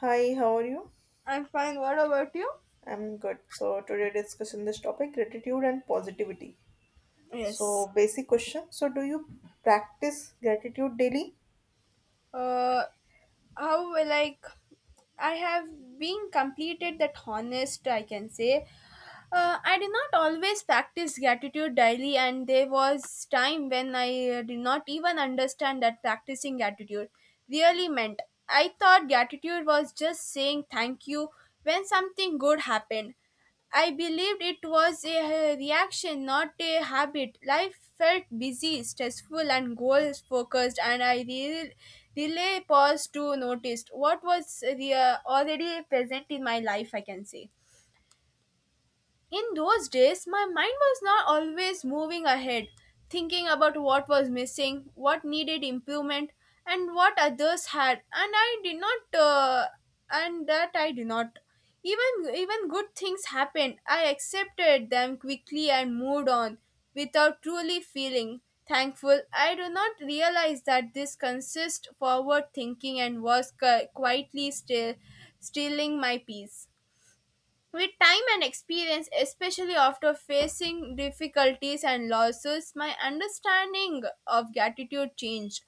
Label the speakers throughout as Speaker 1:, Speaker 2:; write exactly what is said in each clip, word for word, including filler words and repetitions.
Speaker 1: Hi, how are you?
Speaker 2: I'm fine. What about you?
Speaker 1: I'm good. So today discussion this topic gratitude and positivity.
Speaker 2: Yes.
Speaker 1: So basic question. So do you practice gratitude daily?
Speaker 2: Uh, how like I have been completed that honest I can say. Uh, I did not always practice gratitude daily, and there was time when I uh, did not even understand that practicing gratitude really meant. I thought gratitude was just saying thank you when something good happened. I believed it was a uh, reaction, not a habit. Life felt busy, stressful, and goal focused, and I re- really paused to notice what was the, uh, already present in my life, I can say. In those days, my mind was not always moving ahead, thinking about what was missing, what needed improvement, and what others had, and I did not, uh, and that I did not. Even even good things happened. I accepted them quickly and moved on, without truly feeling thankful. I do not realize that this consists forward thinking and was qui- quietly still, stealing my peace. With time and experience, especially after facing difficulties and losses, my understanding of gratitude changed.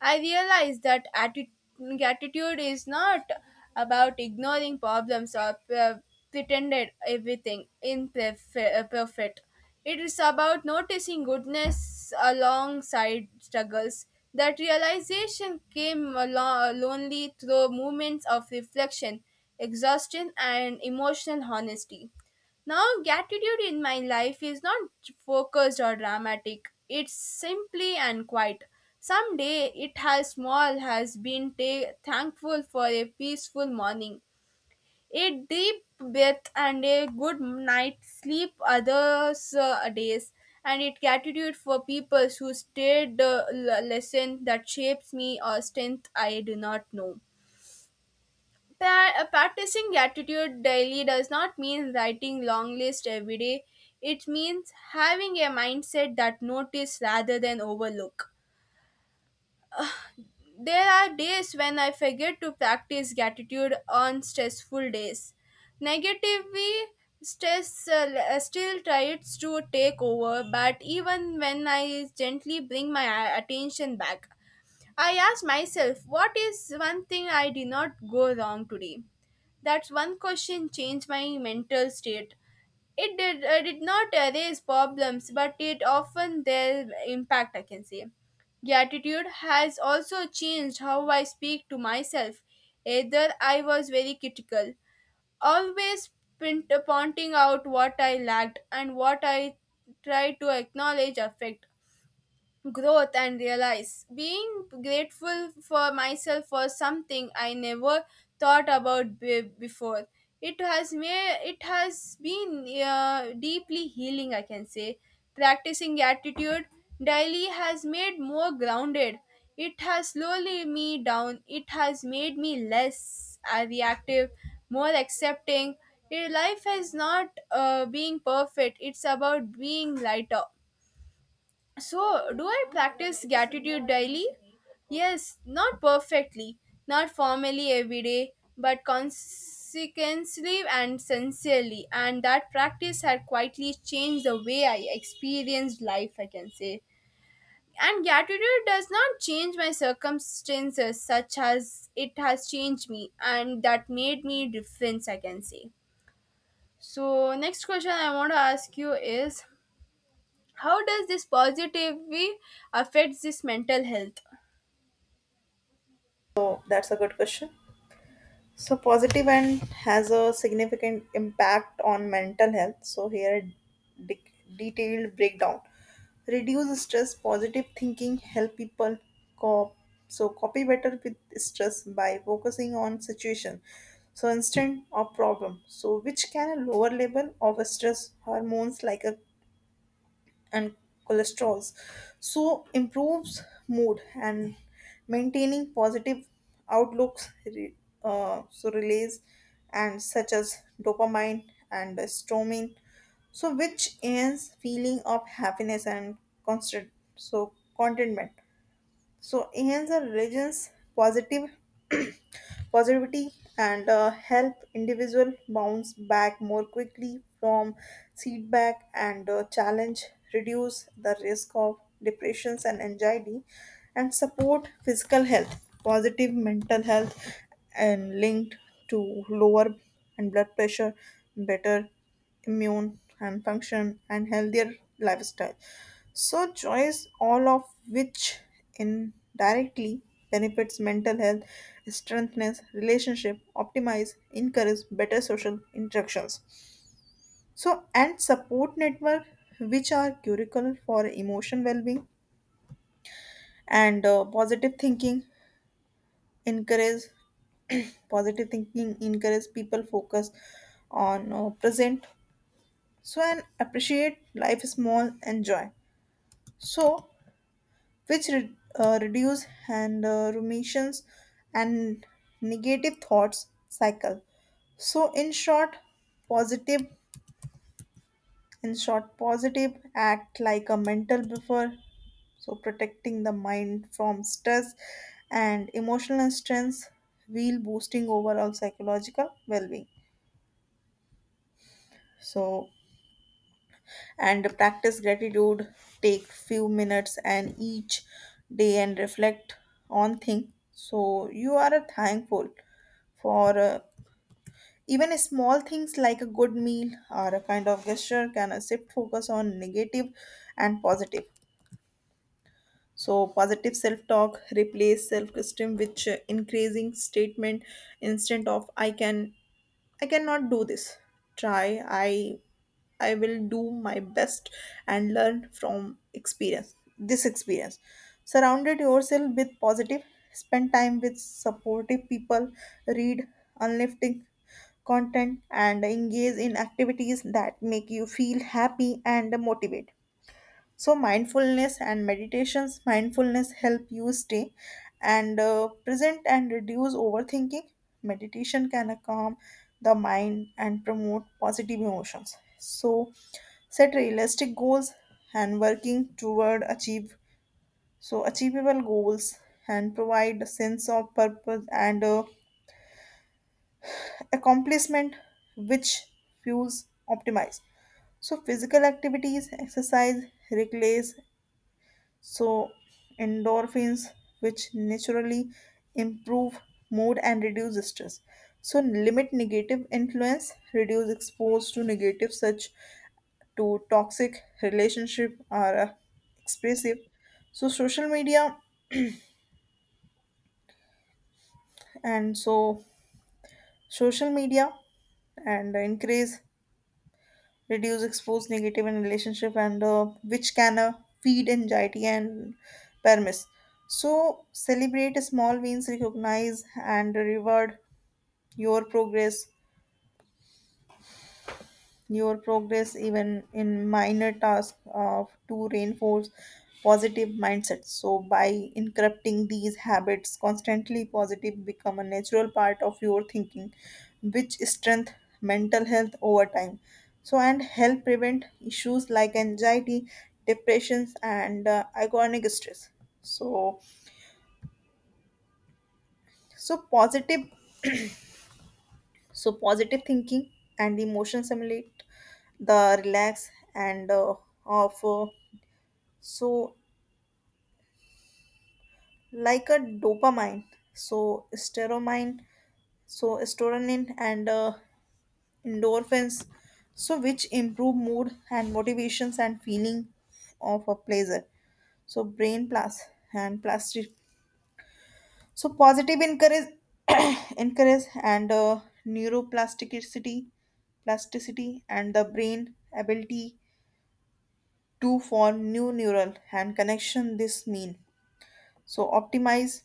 Speaker 2: I realized that atti- gratitude is not about ignoring problems or pre- pretended everything in perfe- uh, perfect. It is about noticing goodness alongside struggles. That realization came alo- lonely through moments of reflection exhaustion, and emotional honesty. Now, gratitude in my life is not focused or dramatic, it's simply and quiet. Someday it has small has been ta- thankful for a peaceful morning, a deep breath, and a good night's sleep. Others uh, days, and it gratitude for people who stayed the l- lesson that shapes me or strength I do not know. Pra- practicing gratitude daily does not mean writing long list every day. It means having a mindset that notice rather than overlook. There are days when I forget to practice gratitude on stressful days. Negatively, stress uh, l- still tries to take over, but even when I gently bring my a- attention back, I ask myself, what is one thing I did not go wrong today? That's one question changed my mental state. It did, uh, did not erase problems, but it often their impact, I can say. Gratitude has also changed how I speak to myself. Either I was very critical, always pint- pointing out what I lacked and what I tried to acknowledge affect growth and realize being grateful for myself for something I never thought about be- before. It has made it has been uh, deeply healing. I can say practicing gratitude daily has made more grounded. It has slowly me down. It has made me less uh, reactive, more accepting. Your life is not uh, being perfect. It's about being lighter so, do I practice gratitude daily? Yes, not perfectly, not formally every day, but consequently and sincerely. And that practice had quietly changed the way I experienced life, I can say. And gratitude does not change my circumstances such as it has changed me, and that made me difference, I can say. So, next question I want to ask you is how does this positivity affects this mental health.
Speaker 1: So that's a good question. So positive end has a significant impact on mental health. So here, de- detailed breakdown. Reduce stress. Positive thinking help people cope. So copy better with stress by focusing on situation. So instant or problem. So which can a lower level of stress hormones like a and cholesterols, so improves mood and maintaining positive outlooks re- uh, so release and such as dopamine and histamine, so which is feeling of happiness and constant, so contentment, so enhance the religion's positive positivity and uh, help individual bounce back more quickly from setback and uh, challenge, reduce the risk of depressions and anxiety, and support physical health, positive mental health and linked to lower and blood pressure, better immune and function and healthier lifestyle. So choice all of which indirectly benefits mental health, strengthens relationship, optimize, encourage better social interactions. So and support network which are curricular for emotion well-being, and uh, positive thinking encourage positive thinking encourage people focus on uh, present, so and appreciate life small and joy, so which re- uh, reduce and uh, ruminations and negative thoughts cycle. So in short positive, in short positive act like a mental buffer, so protecting the mind from stress and emotional stress while boosting overall psychological well-being. So and practice gratitude, take few minutes and each day and reflect on thing so you are uh, thankful for uh, even small things like a good meal or a kind of gesture can uh, shift focus on negative and positive. So positive self-talk replace self-esteem with uh, increasing statement instead of i can I cannot do this. Try. I I will do my best and learn from experience. This experience. Surrounded yourself with positive. Spend time with supportive people. Read uplifting content and engage in activities that make you feel happy and motivated. So mindfulness and meditations, mindfulness help you stay and uh, present and reduce overthinking. Meditation can calm the mind and promote positive emotions. So set realistic goals and working toward achieve, so achievable goals and provide a sense of purpose and uh, accomplishment which fuels optimize. So physical activities exercise reclays, so endorphins, which naturally improve mood and reduce stress. So, limit negative influence, reduce exposed to negative, such to toxic relationship or uh, expressive. So social media, and so social media and increase, reduce exposed negative in relationship and uh, which can uh, feed anxiety and permiss. So celebrate small wins, recognize and reward your progress, your progress, even in minor tasks, uh, to reinforce positive mindsets. So, by incorporating these habits constantly, positive become a natural part of your thinking, which strength mental health over time. So, and help prevent issues like anxiety, depressions, and uh, iconic stress. So, so positive, so positive thinking and emotion simulate the relax and uh, of uh, so, like a dopamine, so steromine, so serotonin and uh, endorphins, so which improve mood and motivations and feeling of a pleasure. So brain plus and plastic. So positive encourage, encourage and uh, neuroplasticity, plasticity and the brain ability to form new neural and connection. This mean so optimize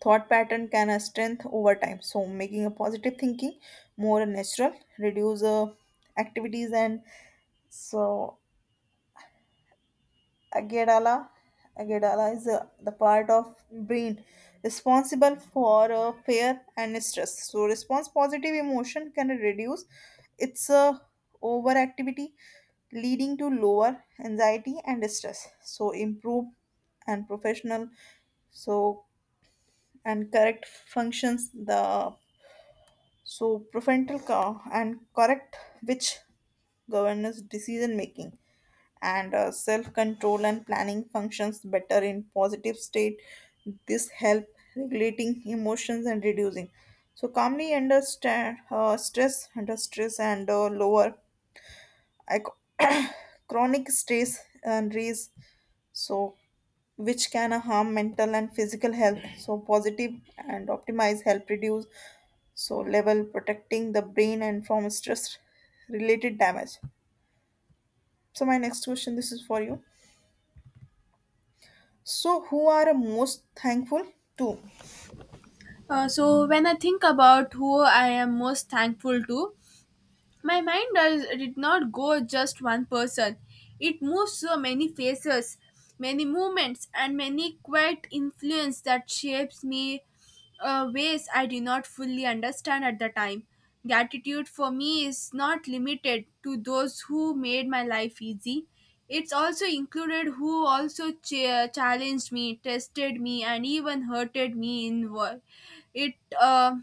Speaker 1: thought pattern can uh, strengthen over time. So making a positive thinking more natural, reduce uh, activities and so Agadala, Agadala is uh, the part of brain responsible for uh, fear and stress. So response positive emotion can reduce its uh, overactivity, leading to lower anxiety and stress. So improve and professional, so and correct functions the, so prefrontal co- and correct, which governs decision making and uh, self control and planning functions better in positive state. This help regulating emotions and reducing. So calmly under sta- uh, stress, under stress and uh, lower I, co- chronic stress and raise, so which can harm mental and physical health. So positive and optimize help reduce so level, protecting the brain and from stress related damage. So my next question, this is for you, so who are most thankful to?
Speaker 2: Uh, so when I think about who I am most thankful to, My mind does, did not go just one person. It moves so many faces, many movements, and many quiet influence that shapes me uh, ways I do not fully understand at the time. Gratitude for me is not limited to those who made my life easy. It's also included who also ch- challenged me, tested me, and even hurted me in work. It uh,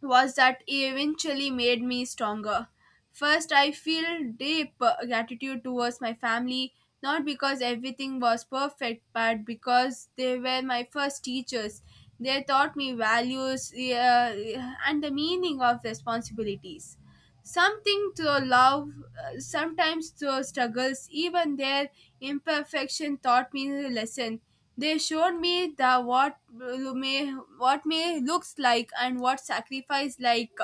Speaker 2: was that eventually made me stronger. First, I feel deep uh, gratitude towards my family, not because everything was perfect, but because they were my first teachers. They taught me values uh, and the meaning of responsibilities. Something to love, uh, sometimes through struggles, even their imperfection taught me a lesson. They showed me the what uh, may what may looks like and what sacrifice like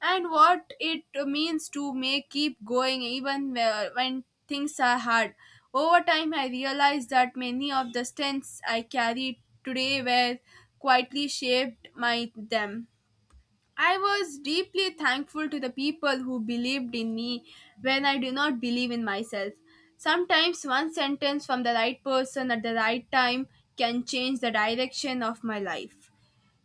Speaker 2: and what it means to may keep going even where- when things are hard. Over time, I realized that many of the strengths I carry today were quietly shaped by them. I was deeply thankful to the people who believed in me when I do not believe in myself. Sometimes one sentence from the right person at the right time can change the direction of my life.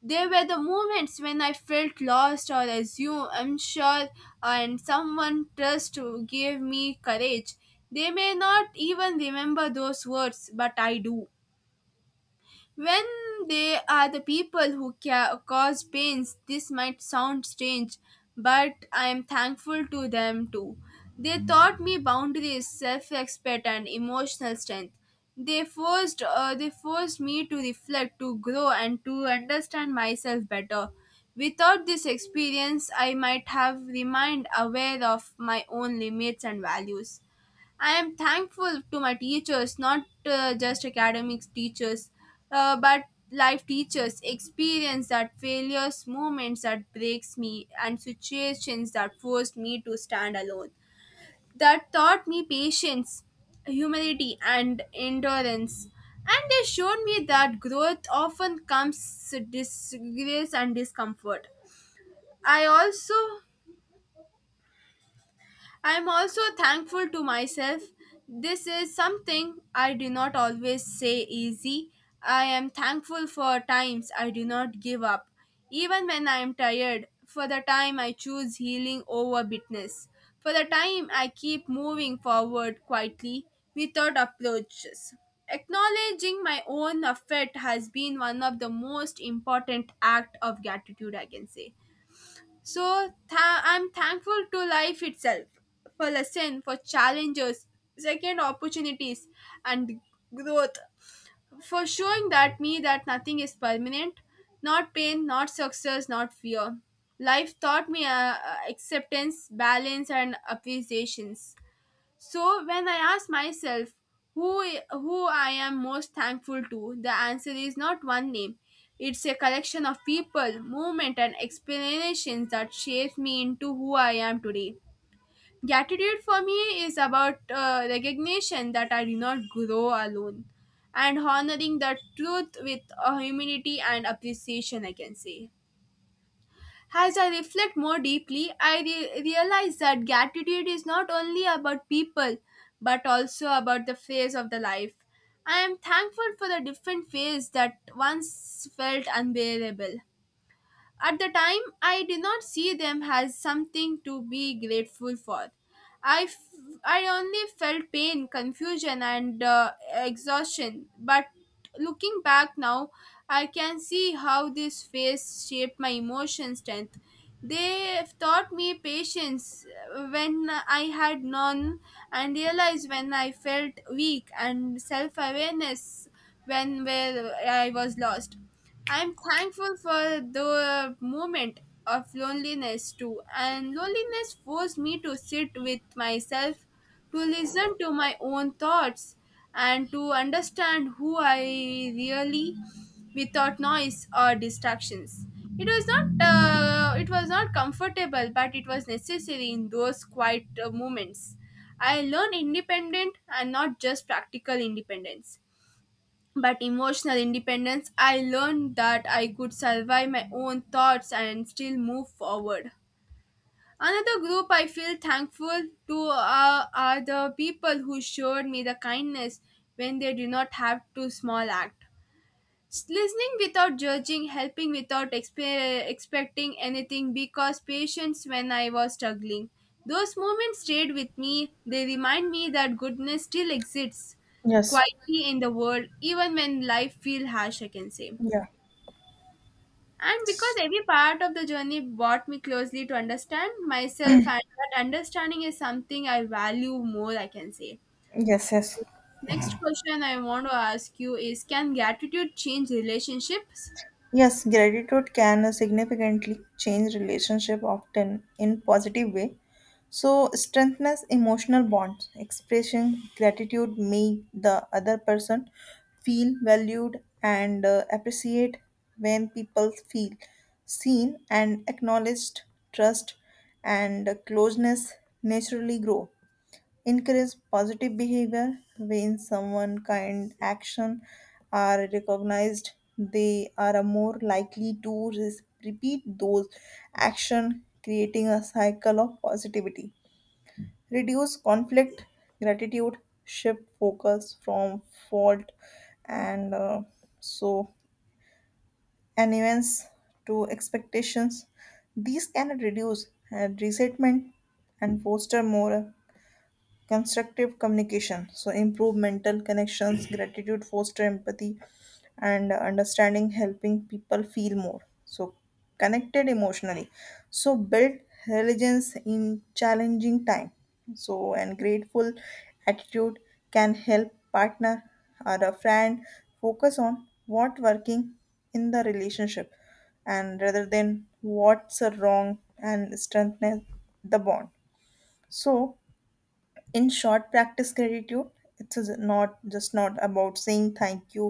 Speaker 2: There were the moments when I felt lost or assumed unsure, and someone trust to give me courage. They may not even remember those words, but I do. When they are the people who ca- cause pains, this might sound strange, but I am thankful to them too. They taught me boundaries, self-respect, and emotional strength. They forced, uh, they forced me to reflect, to grow, and to understand myself better. Without this experience, I might have remained aware of my own limits and values. I am thankful to my teachers, not uh, just academics teachers, uh, but life teachers, experience that failures, moments that breaks me, and situations that forced me to stand alone. That taught me patience, humility, and endurance. And they showed me that growth often comes disgrace and discomfort. I also I am also thankful to myself. This is something I do not always say easy. I am thankful for times I do not give up, even when I am tired, for the time I choose healing over bitterness, for the time I keep moving forward quietly without approaches. Acknowledging my own effort has been one of the most important act of gratitude I can say. So tha- I'm thankful to life itself for lesson, for challenges, second opportunities, and growth for showing that me that nothing is permanent, not pain, not success, not fear. Life taught me uh, uh, acceptance, balance, and appreciations. So when I ask myself who I- who I am most thankful to, the answer is not one name. It's a collection of people, movement and explanations that shapes me into who I am today. Gratitude for me is about uh, recognition that I do not grow alone and honoring the truth with uh, humility and appreciation, I can say. As I reflect more deeply, I re- realize that gratitude is not only about people but also about the phase of the life. I am thankful for the different ways that once felt unbearable. At the time, I did not see them as something to be grateful for. I, f- I only felt pain, confusion, and uh, exhaustion. But looking back now, I can see how this phase shaped my emotion strength. They taught me patience when I had none, and realized when I felt weak, and self awareness when where I was lost. I am thankful for the moment of loneliness too, and loneliness forced me to sit with myself, to listen to my own thoughts, and to understand who I really without noise or distractions. It was not uh, it was not comfortable, but it was necessary in those quiet uh, moments. I learned independent and not just practical independence but emotional independence. I learned that I could survive my own thoughts and still move forward. Another group I feel thankful to uh, are the people who showed me the kindness when they do not have to small act. Listening without judging, helping without expe- expecting anything because patience when I was struggling. Those moments stayed with me. They remind me that goodness still exists
Speaker 1: Yes.
Speaker 2: quietly in the world, even when life feels harsh, I can say.
Speaker 1: Yeah.
Speaker 2: And because every part of the journey brought me closely to understand myself, and that understanding is something I value more, I can say.
Speaker 1: Yes, yes.
Speaker 2: Next question I want to ask you is, can gratitude change relationships?
Speaker 1: Yes, gratitude can significantly change relationship, often in positive way. So strengthens emotional bonds. Expressing gratitude make the other person feel valued and uh, appreciate. When people feel seen and acknowledged, trust and closeness naturally grow. Encourage positive behavior, when someone kind action are recognized they are more likely to res- repeat those action, creating a cycle of positivity. Reduce conflict. Gratitude shift focus from fault and uh, so and events to expectations. These can reduce uh, resentment and foster more constructive communication. So improve mental connections, gratitude foster empathy and understanding, helping people feel more, so connected emotionally. So build resilience in challenging time. So and grateful attitude can help partner or a friend focus on what working in the relationship and rather than what's wrong, and strengthen the bond. So in short, practice gratitude, it's a- not just not about saying thank you.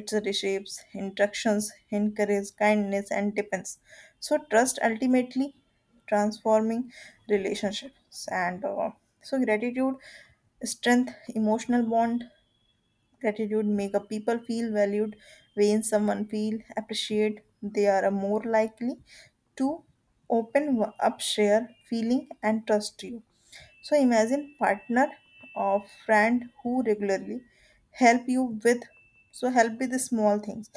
Speaker 1: It a reshapes instructions, encourages kindness and depends so trust, ultimately transforming relationships and uh, so gratitude strength emotional bond. Gratitude make a people feel valued. When someone feel appreciate, they are more likely to open up, share feeling and trust you. So imagine partner or friend who regularly help you with, so help with the small things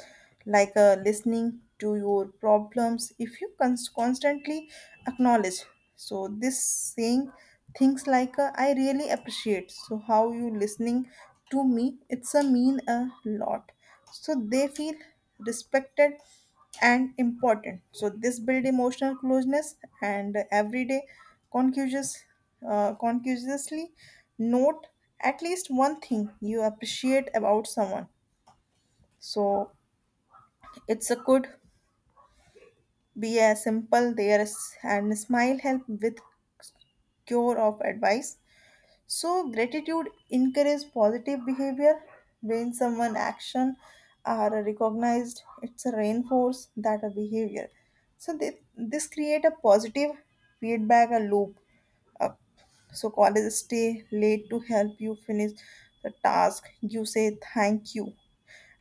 Speaker 1: like uh, listening to your problems. If you cons- constantly acknowledge, so this saying things like uh, I really appreciate so how you listening to me, it's a mean a lot, so they feel respected and important. So this build emotional closeness and everyday conscious, uh, consciously note at least one thing you appreciate about someone. So it's a could be a simple there is and smile, help with cure of advice. So gratitude encourages positive behavior. When someone action are recognized, it's a reinforce that a behavior, so they, this create a positive feedback a loop. uh, so college stay late to help you finish the task, you say thank you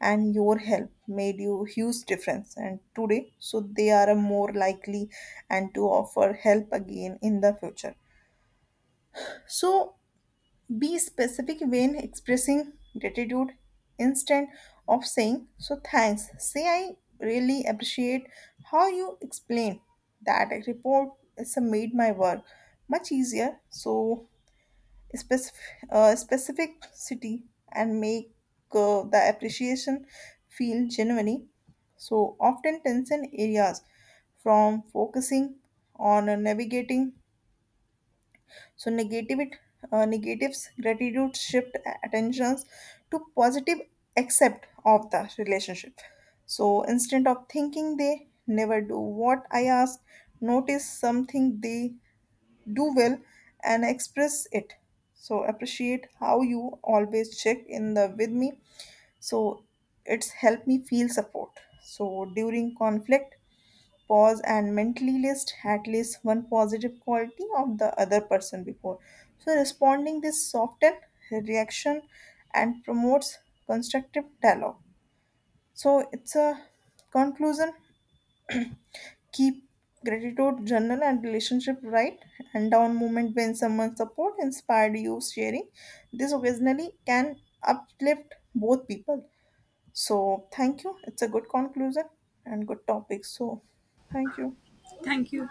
Speaker 1: and your help made you huge difference and today, so they are a more likely and to offer help again in the future. So be specific when expressing gratitude. Instead of saying so thanks, say I really appreciate how you explained that report is made my work much easier. So specific, uh, specific city, and make uh, the appreciation feel genuine. So often tension areas from focusing on uh, navigating so negative it, uh, negatives, gratitude shift a- attentions to positive accept of the relationship. So instead of thinking they never do what I ask, notice something they do well and express it. So appreciate how you always check in the with me. So it's helped me feel support. So during conflict, pause and mentally list at least one positive quality of the other person before. So responding this soften reaction and promotes constructive dialogue. So it's a conclusion. Keep gratitude journal and relationship, right and down moment when someone support inspired you. Sharing this occasionally can uplift both people. So thank you, it's a good conclusion and good topic, so thank you.
Speaker 2: Thank you.